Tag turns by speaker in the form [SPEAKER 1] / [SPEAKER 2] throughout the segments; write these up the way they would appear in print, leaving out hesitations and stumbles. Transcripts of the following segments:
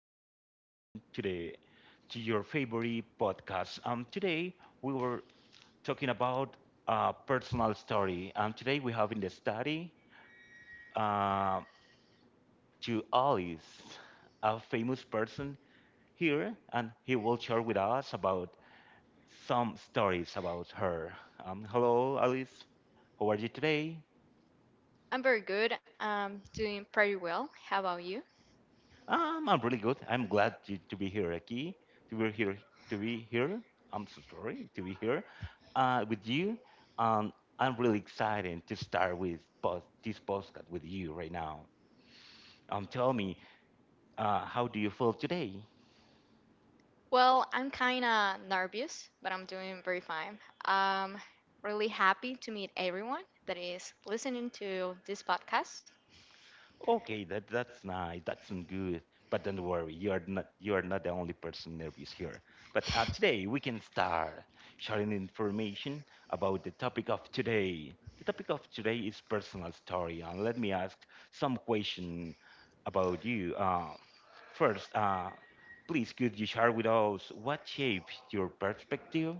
[SPEAKER 1] Been welcome to the to your favorite podcast. Today we were talking about a personal story. Today we have in the study uh, to Alice, a famous person here, and he will share with us about some stories about her. Hello, Alice. How are you today?
[SPEAKER 2] I'm very good. I'm doing pretty well. How about you?
[SPEAKER 1] I'm really good. I'm glad to be here, Aki, to be here, to be here. I'm so sorry to be here with you. Um, I'm really excited to start with this podcast with you right now. Tell me, how do you feel today?
[SPEAKER 2] Well, I'm kind of nervous, but I'm doing very fine. I'm really happy to meet everyone that is listening to this podcast.
[SPEAKER 1] Okay, that's nice. That's not good. But don't worry, you are not the only person nervous here. But today we can start sharing information about the topic of today. The topic of today is personal story, and let me ask some question about you. First, please could you share with us what shaped your perspective?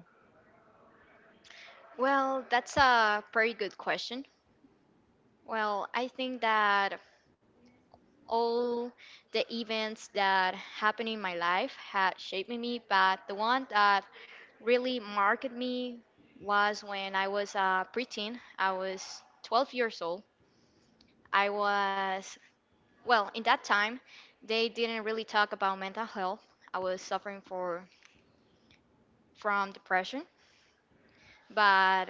[SPEAKER 2] Well, that's a pretty good question. Well, I think that all the events that happened in my life had shaped me, but the one that really marked me was when I was a preteen. I was 12 years old. I was, well, in that time, they didn't really talk about mental health. I was suffering for from depression, but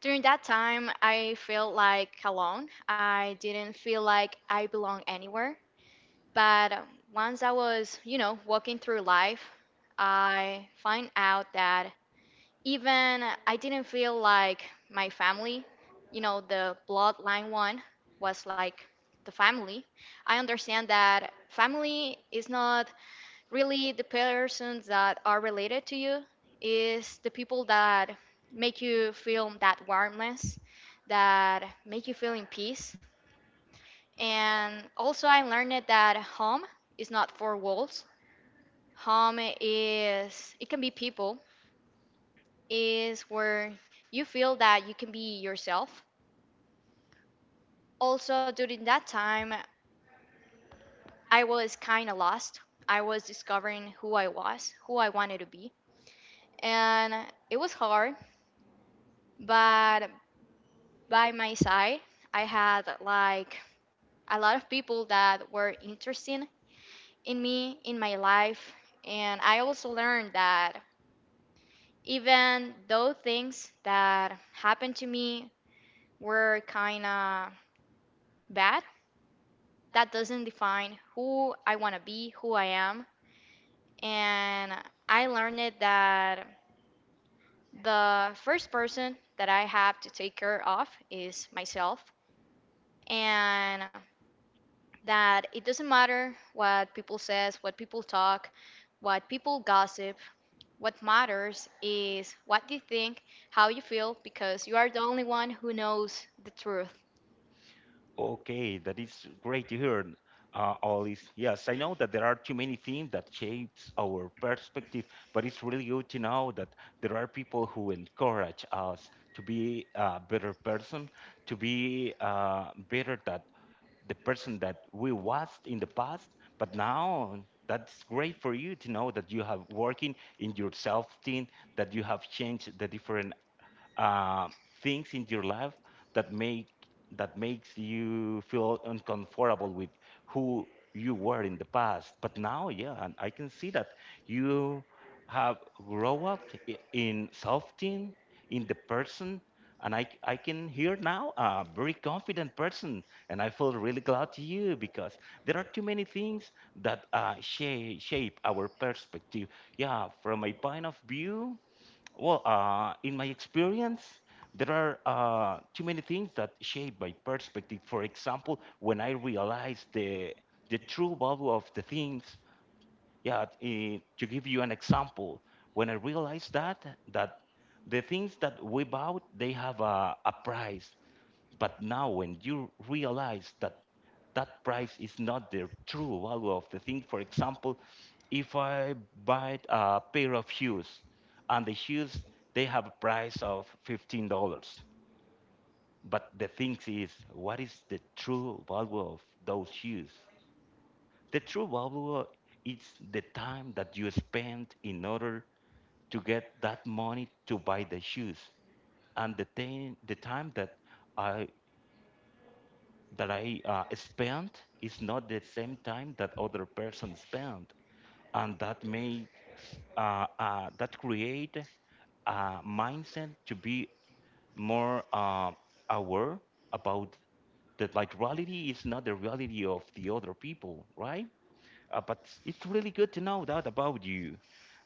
[SPEAKER 2] during that time, I felt like alone. I didn't feel like I belong anywhere. But once I was, walking through life, I find out that even I didn't feel like my family, the bloodline one was like the family. I understand that family is not really the persons that are related to you, is the people that make you feel that warmness, that make you feel in peace. And also I learned it that home is not four walls. Home is, it can be people, is where you feel that you can be yourself. Also, during that time, I was kind of lost. I was discovering who I was, who I wanted to be. And it was hard, but by my side, I had like a lot of people that were interested in me, in my life. And I also learned that even though things that happened to me were kind of bad, that doesn't define who I want to be, who I am. And I learned it that the first person that I have to take care of is myself, and that it doesn't matter what people says, what people talk, what people gossip. What matters is what you think, how you feel, because you are the only one who knows the truth.
[SPEAKER 1] Okay, that is great to hear, Alice. Yes, I know that there are too many things that shapes our perspective, but it's really good to know that there are people who encourage us to be a better person, to be better than the person that we was in the past, but now that's great for you to know that you have working in your self team, that you have changed the different uh, things in your life that make that makes you feel uncomfortable with who you were in the past. But now, yeah, and I can see that you have grow up in self team, in the person and I can hear now a very confident person and I feel really glad to you because there are too many things that shape our perspective. Yeah, from my point of view, well, in my experience there are too many things that shape my perspective. For example, when I realize the true value of the things. Yeah, to give you an example, when I realized that the things that we bought they have a price, but now when you realize that that price is not the true value of the thing. For example, if I buy a pair of shoes and the shoes they have a price of $15, but the thing is, what is the true value of those shoes? The true value is the time that you spend in order to get that money to buy the shoes, and the thing, the time that I I spent is not the same time that other person spent, and that may that create a mindset to be more aware about that, like reality is not the reality of the other people, right? But it's really good to know that about you.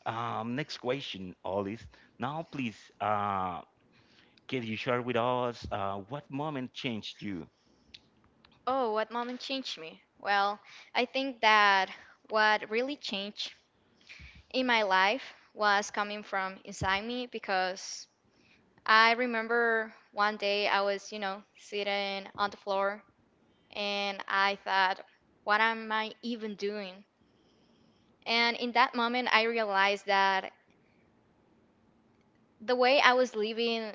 [SPEAKER 1] Next question, Alice. Now, please, can you share with us what moment changed you?
[SPEAKER 2] Oh, what moment changed me? Well, I think that what really changed in my life was coming from inside me, because I remember one day I was, sitting on the floor and I thought, what am I even doing? And in that moment, I realized that the way I was living,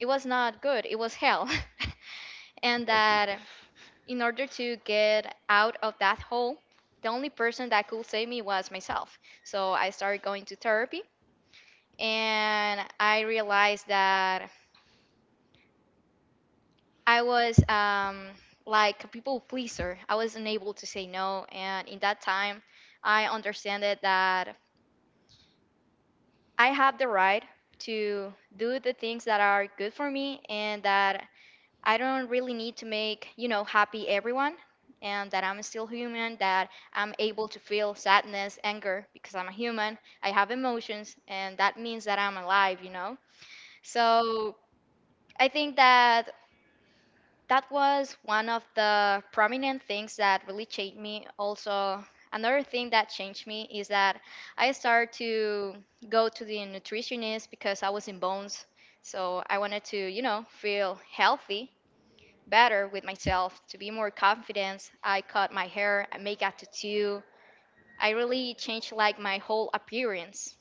[SPEAKER 2] it was not good, it was hell. And
[SPEAKER 1] Okay.
[SPEAKER 2] that in order to get out of that hole, the only person that could save me was myself. So I started going to therapy and I realized that I was like a people pleaser. I was unable to say no. And in that time, I understand it that I have the right to do the things that are good for me, and that I don't really need to make happy everyone, and that I'm still human, that I'm able to feel sadness, anger, because I'm a human. I have emotions and that means that I'm alive. So I think that that was one of the prominent things that really changed me. Also, another thing that changed me is that I started to go to the nutritionist, because I was in bones, so I wanted to feel healthy, better with myself, to be more confident. I cut my hair, I make a tattoo, I really changed like my whole appearance.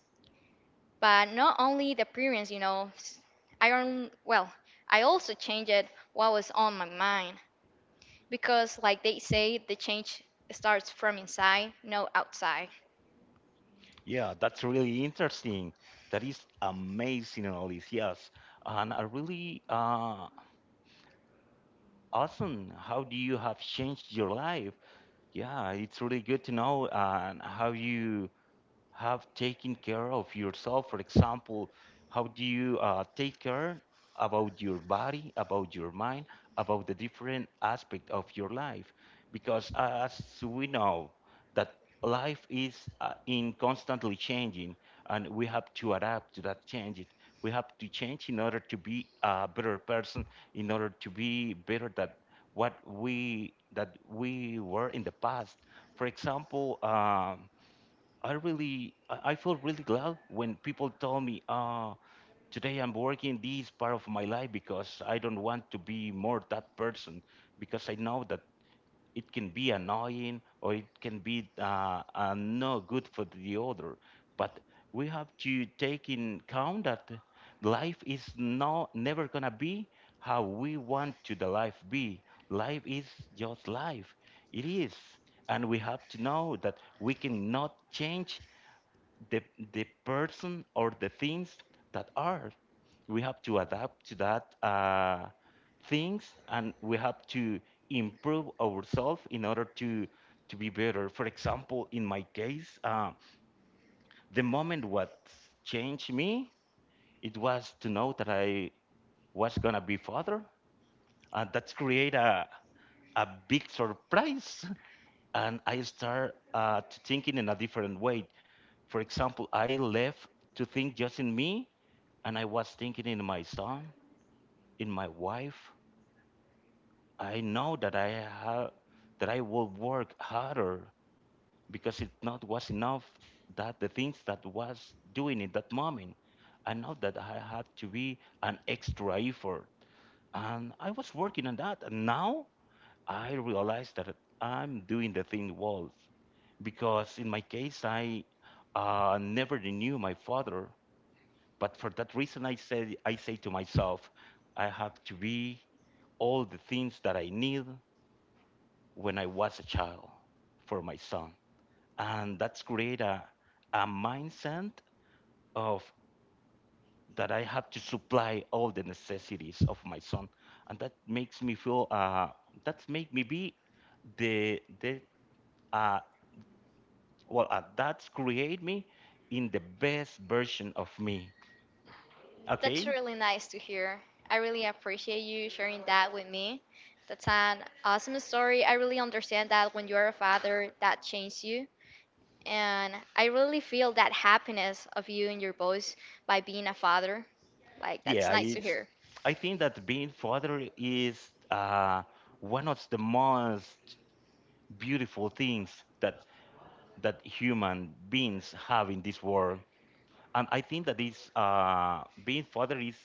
[SPEAKER 2] But not only the appearance, I don't, well, I also changed what was on my mind, because like they say, the change starts from inside, no outside.
[SPEAKER 1] Yeah, that's really interesting. That is amazing, Alice. Yes. And I really awesome. How do you have changed your life? Yeah, it's really good to know how you have taken care of yourself. For example, how do you take care about your body, about your mind, about the different aspect of your life, because as we know that life is in constantly changing and we have to adapt to that change. We have to change in order to be a better person, in order to be better than what we that we were in the past. For example, I really, I feel really glad when people tell me, today I'm working this part of my life because I don't want to be more that person because I know that it can be annoying or it can be no good for the other. But we have to take in count that life is no never gonna be how we want to the life be. Life is just life. It is. And we have to know that we cannot change the the person or the things that are. We have to adapt to that things, and we have to improve ourselves in order to be better. For example, in my case, the moment what changed me, it was to know that I was gonna be father, and that's create a big surprise and I start to thinking in a different way. For example, I left to think just in me, and I was thinking in my son, in my wife. I know that I have that I will work harder because it not was enough that the things that was doing in that moment. I know that I had to be an extra effort, and I was working on that. And now I realized that I'm doing the thin walls because in my case, I never knew my father. But for that reason, I said, I say to myself, I have to be all the things that I need when I was a child for my son. And that's create a mindset of that I have to supply all the necessities of my son. And that makes me feel, that's make me be the, the uh, that's create me in the best version of me.
[SPEAKER 2] That's
[SPEAKER 1] Okay?
[SPEAKER 2] really nice to hear. I really appreciate you sharing that with me. That's an awesome story. I really understand that when you're a father, that changes you. And I really feel that happiness of you and your boys by being a father. Like, that's
[SPEAKER 1] Yeah,
[SPEAKER 2] nice to
[SPEAKER 1] it's.
[SPEAKER 2] hear.
[SPEAKER 1] I think that being father is one of the most beautiful things that that human beings have in this world, and I think that this being father is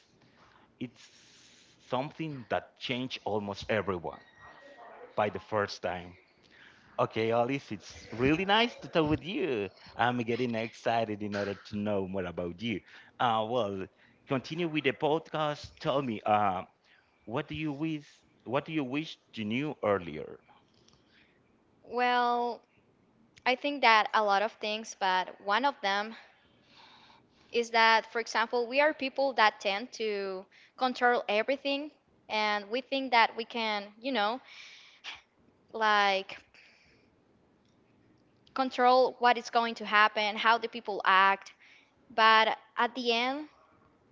[SPEAKER 1] it's something that changed almost everyone by the first time. Okay, Alice, it's really nice to talk with you. I'm getting excited in order to know more about you. Uh, well, continue with the podcast. Tell me, what do you wish? What do you wish you knew earlier?
[SPEAKER 2] Well, I think that a lot of things, but one of them is that, for example, we are people that tend to control everything, and we think that we can, like control what is going to happen, how the people act. But at the end,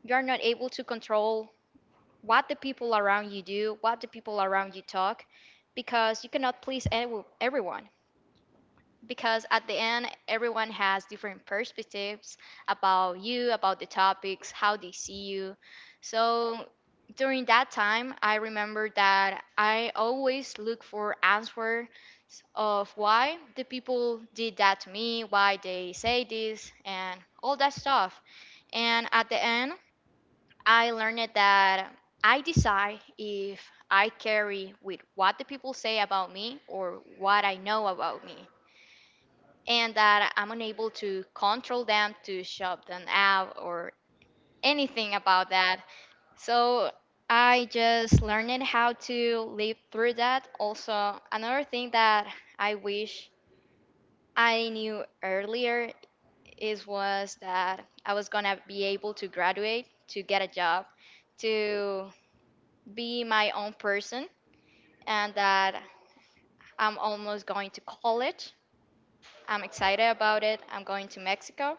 [SPEAKER 2] you are not able to control what the people around you do, what the people around you talk, because you cannot please everyone. Because at the end, everyone has different perspectives about you, about the topics, how they see you. So during that time, I remember that I always look for answers of why the people did that to me, why they say this, and all that stuff. And at the end, I learned that I decide if I carry with what the people say about me or what I know about me, and that I'm unable to control them, to shut them out or anything about that. So I just learned how to live through that. Also, another thing that I wish I knew earlier is was that I was gonna be able to graduate, to get a job, to be my own person, and that I'm almost going to college. I'm excited about it. I'm going to Mexico,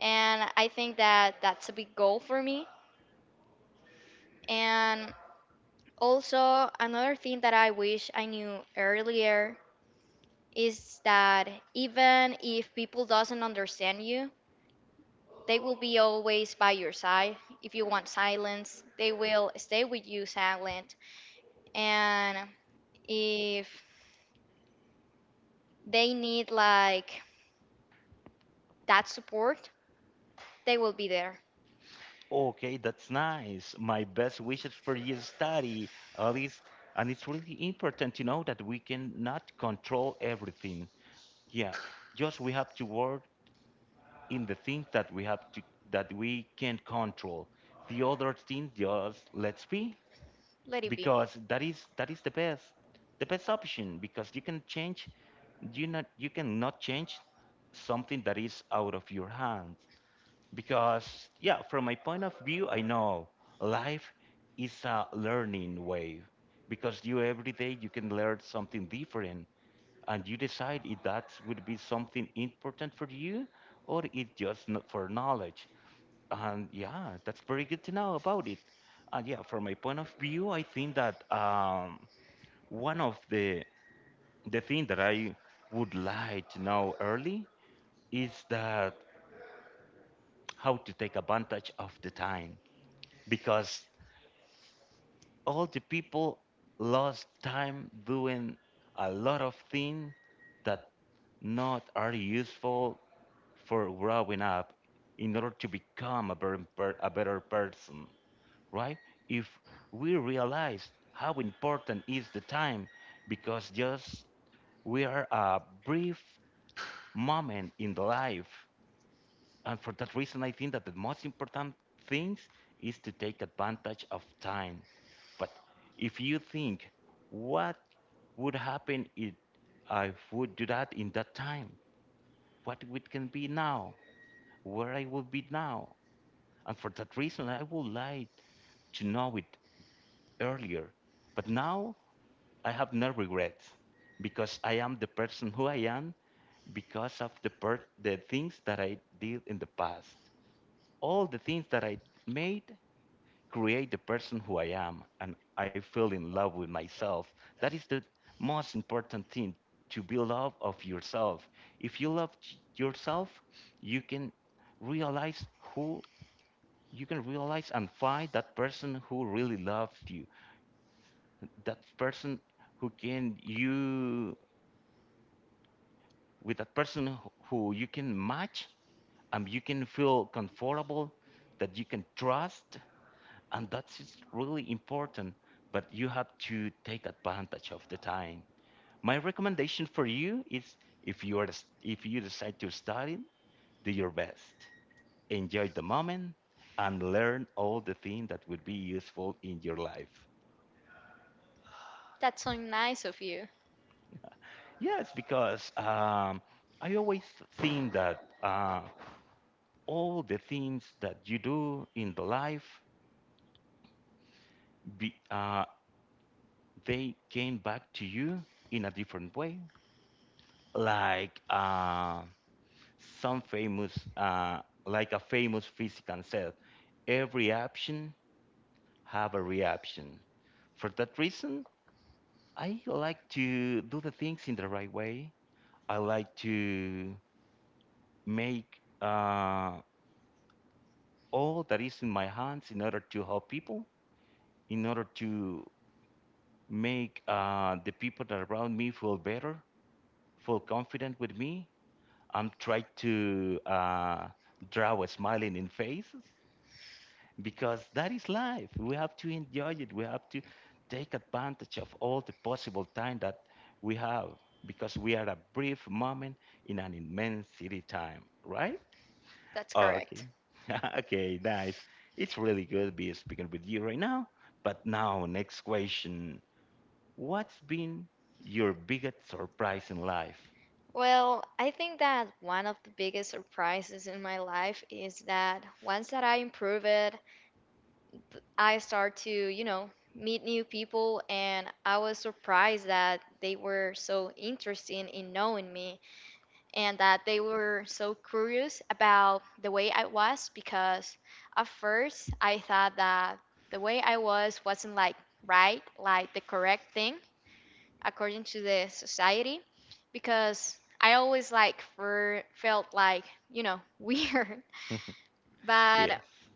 [SPEAKER 2] and I think that that's a big goal for me. And also, another thing that I wish I knew earlier is that even if people doesn't understand you, they will be always by your side. If you want silence, they will stay with you silent. And if they need like that support, they will be there.
[SPEAKER 1] Okay, that's nice. My best wishes for your study, Alice. And it's really important to know that we cannot control everything. Yeah, just we have to work in the things that we have to, that we can't control. The other thing, just let's be,
[SPEAKER 2] Let it be.
[SPEAKER 1] because that is the best option. Because you can change, you cannot change something that is out of your hands. Because yeah, from my point of view, I know life is a learning wave. Because you every day you can learn something different, and you decide if that would be something important for you or it just not for knowledge. And yeah, that's very good to know about it. And yeah, from my point of view, I think that one of the thing that I would like to know early is that how to take advantage of the time because all the people lost time doing a lot of things that not are useful for growing up in order to become a better, a better person, right? If we realize how important is the time because just we are a brief moment in the life, and for that reason, I think that the most important things is to take advantage of time. But if you think, what would happen if I would do that in that time? What it can be now? Where I will be now? And for that reason, I would like to know it earlier. But now I have no regrets because I am the person who I am because of the, the things that I did in the past. All the things that I made create the person who I am, and I feel in love with myself. That is the most important thing, to be love of yourself. If you love yourself, you can realize who you can realize and find that person who really loves you, that person who can you with that person who you can match and you can feel comfortable, that you can trust, and that's is really important. But you have to take advantage of the time. My recommendation for you is if you are if you decide to study, do your best, enjoy the moment, and learn all the things that will be useful in your life.
[SPEAKER 2] That's so nice of you.
[SPEAKER 1] Yes, because I always think that all the things that you do in the life be, they came back to you in a different way, like some famous like a famous physician said, every action have a reaction. For that reason, I like to do the things in the right way. I like to make all that is in my hands in order to help people, in order to make the people that are around me feel better, feel confident with me. I'm trying to draw a smiling in faces because that is life. We have to enjoy it. We have to take advantage of all the possible time that we have because we are a brief moment in an immensity time, right?
[SPEAKER 2] That's
[SPEAKER 1] Okay.
[SPEAKER 2] correct.
[SPEAKER 1] Okay, nice. It's really good to be speaking with you right now. But now, next question. What's been your biggest surprise in life?
[SPEAKER 2] Well, I think that one of the biggest surprises in my life is that once that I improve it, I start to, meet new people, and I was surprised that they were so interested in knowing me and that they were so curious about the way I was, because at first I thought that the way I was wasn't like right, like the correct thing according to the society, because I always felt like weird. But
[SPEAKER 1] Yes.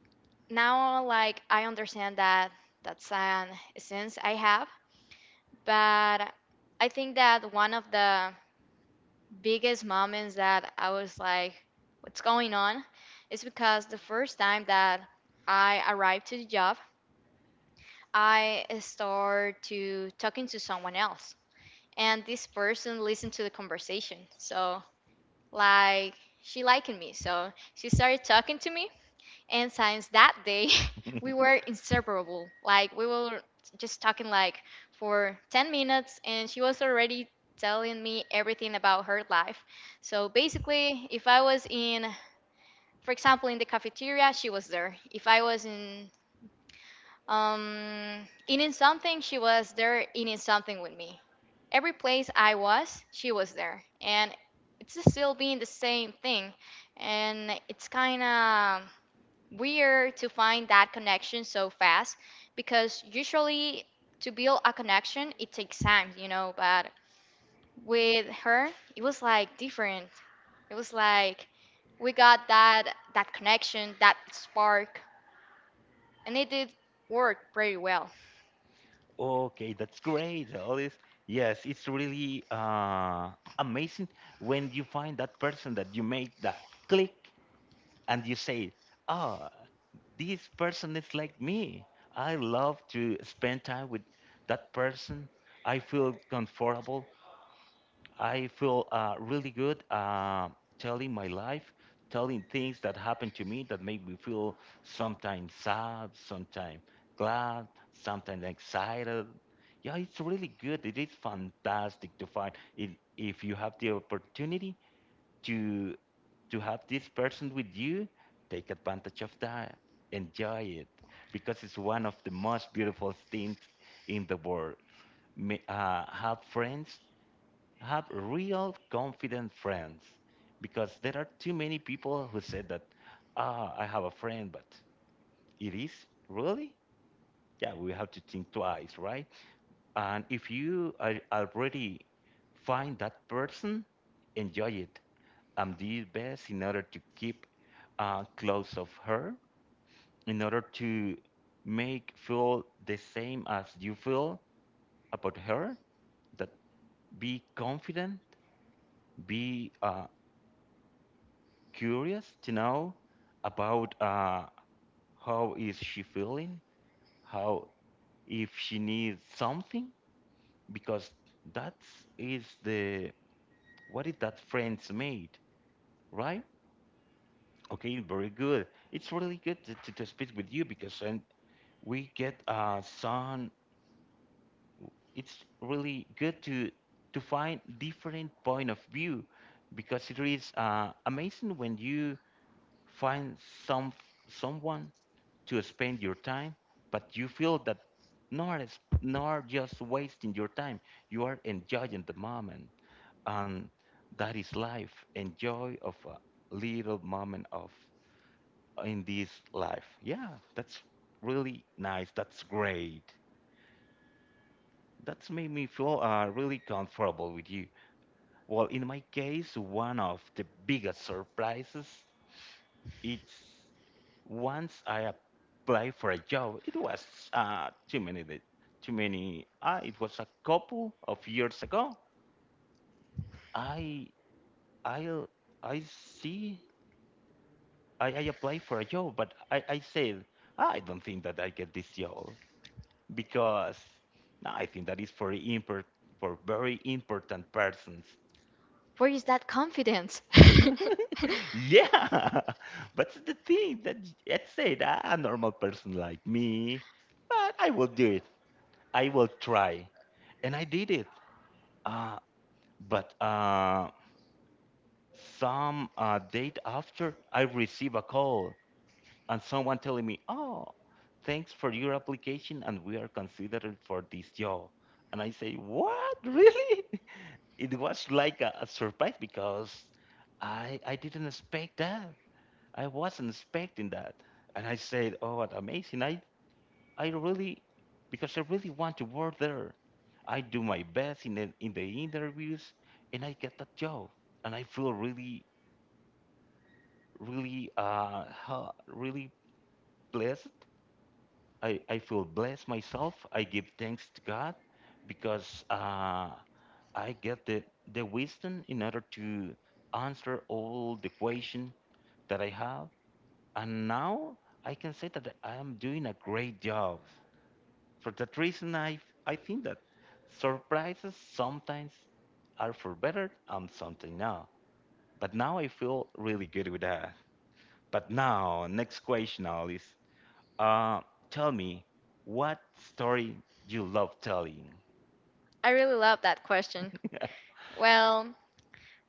[SPEAKER 2] now like I understand that that's an essence I have. But I think that one of the biggest moments that I was like, what's going on, is because the first time that I arrived to the job, I started to talking to someone else, and this person listened to the conversation, so like she liked me, so she started talking to me. And since that day we were inseparable. Like, we were just talking like for 10 minutes and she was already telling me everything about her life. So basically, if I was in, for example, in the cafeteria, she was there. If I was in eating something, she was there eating something with me. Every place I was, she was there, and it's still being the same thing, and it's kind of weird to find that connection so fast, because usually to build a connection it takes time. But with her, it was like different. It was like we got that connection, that spark, and it did work pretty well.
[SPEAKER 1] Okay, that's great, Alice. Yes, it's really amazing when you find that person that you make that click and you say, ah, this person is like me. I love to spend time with that person. I feel comfortable. I feel really good telling my life, telling things that happened to me that make me feel sometimes sad, sometimes glad, sometimes excited. Yeah, it's really good. It is fantastic to find it. If you have the opportunity to to have this person with you, take advantage of that, enjoy it, because it's one of the most beautiful things in the world, have friends, have real confident friends, because there are too many people who said that, ah, I have a friend, but it is really, yeah, we have to think twice, right? And if you are already find that person, enjoy it and do your best in order to keep close of her, in order to make feel the same as you feel about her, that be confident, be uh, curious to know about how is she feeling, how if she needs something, because that is the what is that friends made, right? Okay, very good. It's really good to speak with you because and we get some. It's really good to find different point of view, because it is amazing when you find some someone to spend your time, but you feel that not as not just wasting your time. You are enjoying the moment, and that is life. Enjoy of a little moment of in this life. Yeah, that's really nice. That's great. That's made me feel really comfortable with you. Well, in my case, one of the biggest surprises, it's once I applied for a job. It was uh, too many, da- too many. It was a couple of years ago. I I I see. I applied for a job, but I said, "Ah, I don't think that I get this job because no, I think that is for import for very important persons."
[SPEAKER 2] Where is that confidence?
[SPEAKER 1] Yeah, but the thing that, let's say that a normal person like me, but I will do it. I will try. And I did it. Uh, but some date after, I receive a call and someone telling me, oh, thanks for your application and we are considered for this job. And I say, what? Really? It was like a surprise because I didn't expect that. I wasn't expecting that. And I said, oh, what amazing. I really, because I really want to work there. I do my best in in the interviews, and I get that job, and I feel really, really, really blessed. I feel blessed myself. I give thanks to God because I get the wisdom in order to answer all the question that I have. And now I can say that I am doing a great job. For that reason, I think that surprises sometimes are for better and something not. But now I feel really good with that. But now, next question, Alice. Uh, Tell me, what story you love telling?
[SPEAKER 2] I really love that question. Well,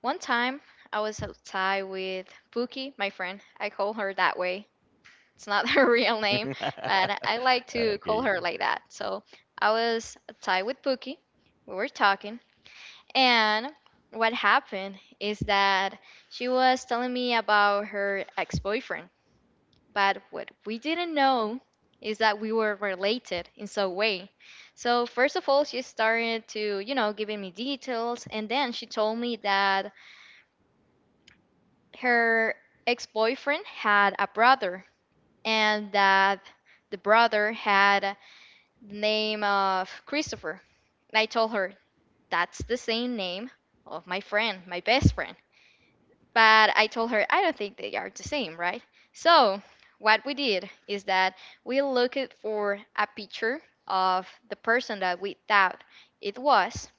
[SPEAKER 2] one time I was outside with Pookie, my friend. I call her that way. It's not her real name, but I like to call
[SPEAKER 1] Okay.
[SPEAKER 2] her like that. So I was outside with Pookie. We were talking. And what happened is that she was telling me about her ex boyfriend. But what we didn't know is that we were related in some way. So first of all, she started to, giving me details, and then she told me that her ex-boyfriend had a brother and that the brother had the name of Christopher. And I told her that's the same name of my friend, my best friend. But I told her, I don't think they are the same, right? So, what we did is that we looked for a picture of the person that we thought it was.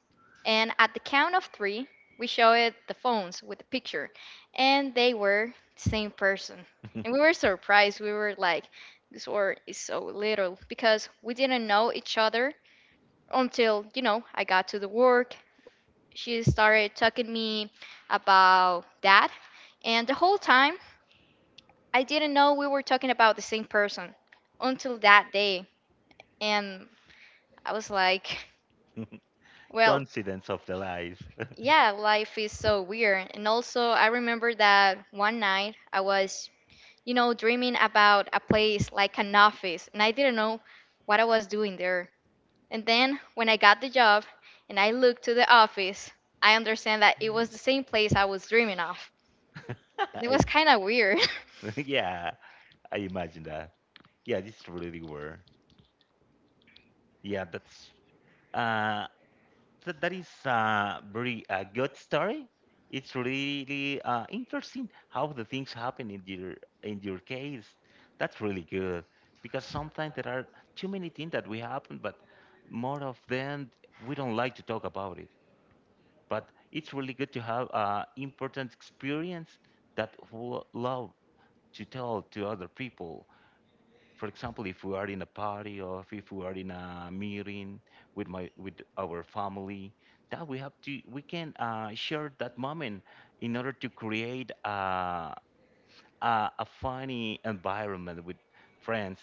[SPEAKER 2] And at the count of three, we showed the phones with the picture. And they were the same person. And we were surprised. We were like, this word is so little, because we didn't know each other until, I got to the work, she started talking to me about that, and the whole time I didn't know we were talking about the same person until that day. And I was like, well,
[SPEAKER 1] Coincidence of the life.
[SPEAKER 2] yeah, life is so weird. And also I remember that one night I was dreaming about a place like an office, and I didn't know what I was doing there. And then when I got the job and I looked to the office, I understand that it was the same place I was dreaming of. It
[SPEAKER 1] I-
[SPEAKER 2] was kind of weird.
[SPEAKER 1] yeah, I imagine that. Yeah, this is really weird. Yeah, that's. Uh, So that is a very good story. It's really interesting how the things happen in your case. That's really good because sometimes there are too many things that we happen, but more of them we don't like to talk about it. But it's really good to have important experience that we love to tell to other people. For example, if we are in a party or if we are in a meeting with my with our family, that we have to we can share that moment in order to create a funny environment with friends.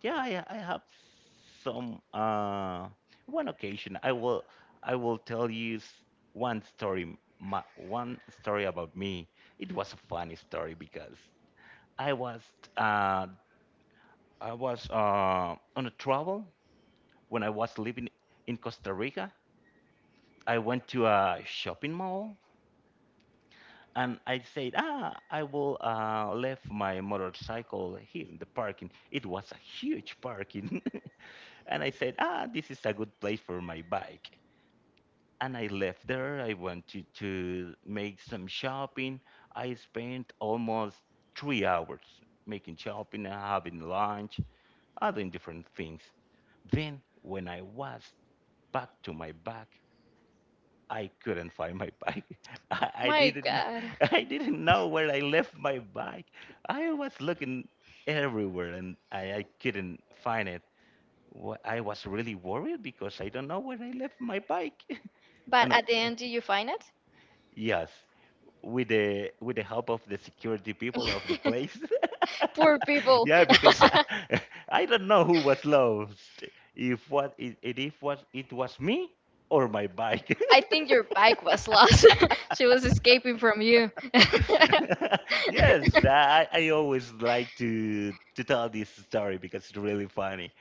[SPEAKER 1] Yeah, I have some one occasion. I will tell you one story. My, one story about me. It was a funny story because I was uh, on a travel when I was living in Costa Rica. I went to a shopping mall and I said, ah, I will left my motorcycle here in the parking. It was a huge parking. And I said, ah, this is a good place for my bike. And I left there. I went to make some shopping. I spent almost 3 hours making shopping and having lunch, other different things. Then, when I was back to my bag, I couldn't find my bike. I
[SPEAKER 2] My
[SPEAKER 1] didn't,
[SPEAKER 2] God.
[SPEAKER 1] I didn't know where I left my bike. I was looking everywhere and I couldn't find it. I was really worried because I don't know where I left my bike.
[SPEAKER 2] But
[SPEAKER 1] And I,
[SPEAKER 2] at the
[SPEAKER 1] uh,
[SPEAKER 2] end, did you find it?
[SPEAKER 1] yes, with the help of the security people of the place.
[SPEAKER 2] Poor people.
[SPEAKER 1] Yeah, because I, I don't know who was lost. If what it if was it was me or my bike.
[SPEAKER 2] I think your bike was lost. She was escaping from you.
[SPEAKER 1] Yes, I always like to tell this story because it's really funny,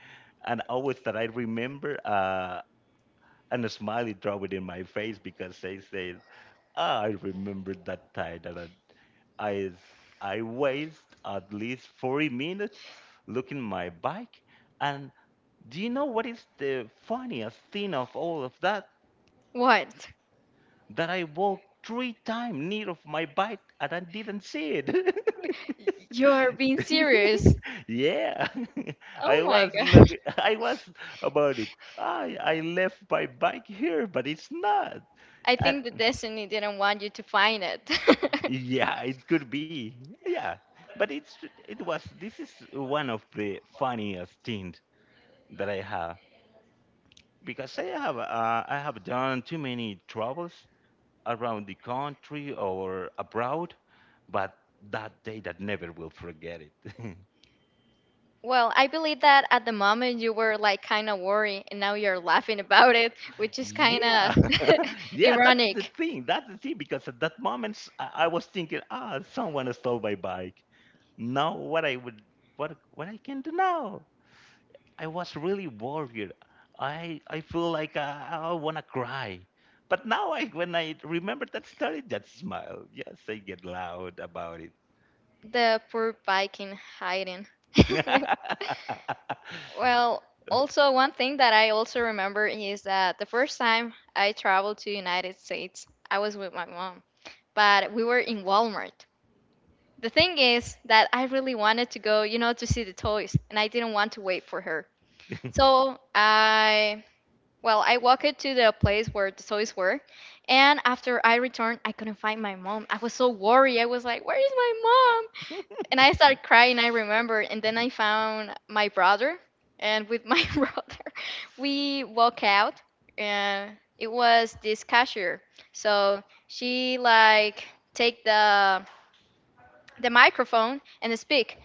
[SPEAKER 1] and always that I remember and a smiley draw it in my face because they said, "Ah, I remember that time that I I waste at least 40 minutes looking my bike. And do you know what is the funniest thing of all of that?
[SPEAKER 2] What?
[SPEAKER 1] That I walked three times near of my bike and I didn't see it."
[SPEAKER 2] You are being serious.
[SPEAKER 1] Yeah,
[SPEAKER 2] Oh
[SPEAKER 1] I
[SPEAKER 2] my
[SPEAKER 1] was
[SPEAKER 2] God.
[SPEAKER 1] look. I was about it. I left my bike here, but it's not.
[SPEAKER 2] I
[SPEAKER 1] And
[SPEAKER 2] think the destiny didn't want you to find it.
[SPEAKER 1] yeah, it could be. Yeah, but it's it was. This is one of the funniest things that I have because I have done too many travels around the country or abroad, but that day that never will forget it.
[SPEAKER 2] Well, I believe that at the moment you were like kind of worried and now you're laughing about it, which is kind of
[SPEAKER 1] Yeah, yeah, that's the
[SPEAKER 2] ironic.
[SPEAKER 1] thing. That's the thing because at that moment I was thinking, ah, someone stole my bike. Now what I would what I can do now? I was really worried. I feel like I wanna cry. But now I when I remember that story, that smile. Yes, I get loud about it.
[SPEAKER 2] The poor Viking hiding. Well, also one thing that I also remember is that the first time I traveled to United States, I was with my mom, but we were in Walmart. The thing is that I really wanted to go, to see the toys, and I didn't want to wait for her. So I, well, I walked to the place where the toys were, and after I returned, I couldn't find my mom. I was so worried. I was like, "Where is my mom?" And I started crying, I remember. And then I found my brother. And with my brother, we walk out. And it was this cashier. So she like take the microphone and speak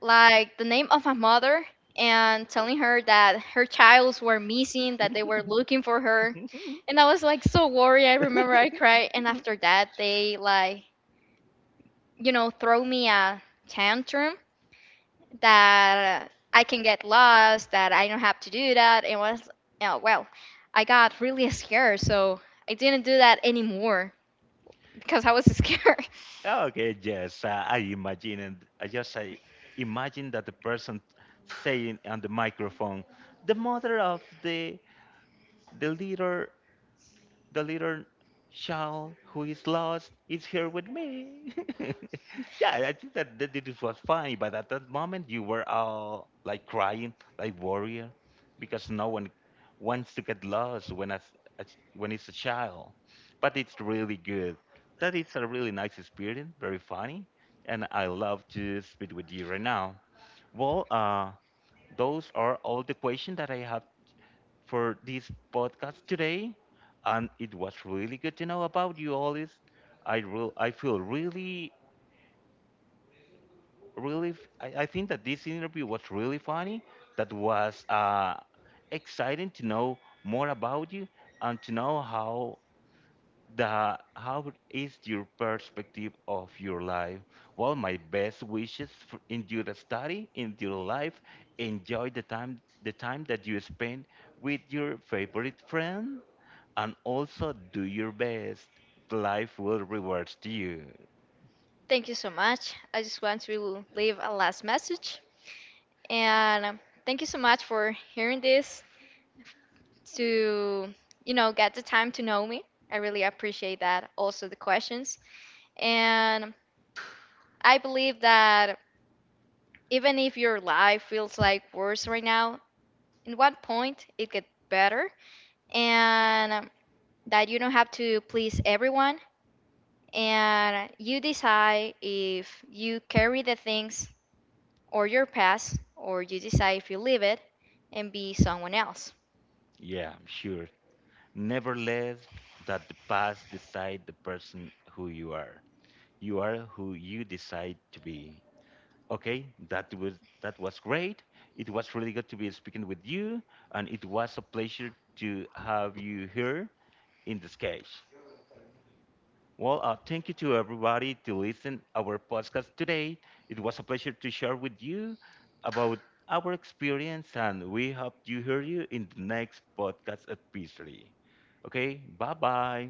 [SPEAKER 2] like the name of my mother, and telling her that her childs were missing, that they were looking for her. And I was like so worried. I remember I cried. And after that, they like, throw me a tantrum that I can get lost, that I don't have to do that. It was, oh, well, I got really scared, so I didn't do that anymore because I was scared.
[SPEAKER 1] Okay, yes, I imagine and I just I imagine that the person saying on the microphone, the mother of the leader the little child who is lost is here with me. Yeah, I think that, that it was fine, but at that moment you were all like crying, like warrior, because no one wants to get lost when as when it's a child. But it's really good. That is a really nice experience, very funny, and I love to speak with you right now. Well, those are all the questions that I have for this podcast today, and it was really good to know about you, Olis. I feel really, really. I think that this interview was really funny. That was exciting to know more about you and to know how the how is your perspective of your life? Well, my best wishes for, in your study, in your life. Enjoy the time that you spend with your favorite friend, and also do your best. Life will reward you.
[SPEAKER 2] Thank you so much. I just want to leave a last message, and thank you so much for hearing this. To get the time to know me. I really appreciate that. Also the questions, and I believe that even if your life feels like worse right now, in what point it get better, and that you don't have to please everyone, and you decide if you carry the things or your past, or you decide if you leave it and be someone else.
[SPEAKER 1] Yeah, I'm sure. Nevertheless, that the past decide the person who you are. You are who you decide to be. Okay, that was great. It was really good to be speaking with you and it was a pleasure to have you here in this case. Well, thank you to everybody to listen our podcast today. It was a pleasure to share with you about our experience and we hope to hear you in the next podcast episode. Okay, bye bye.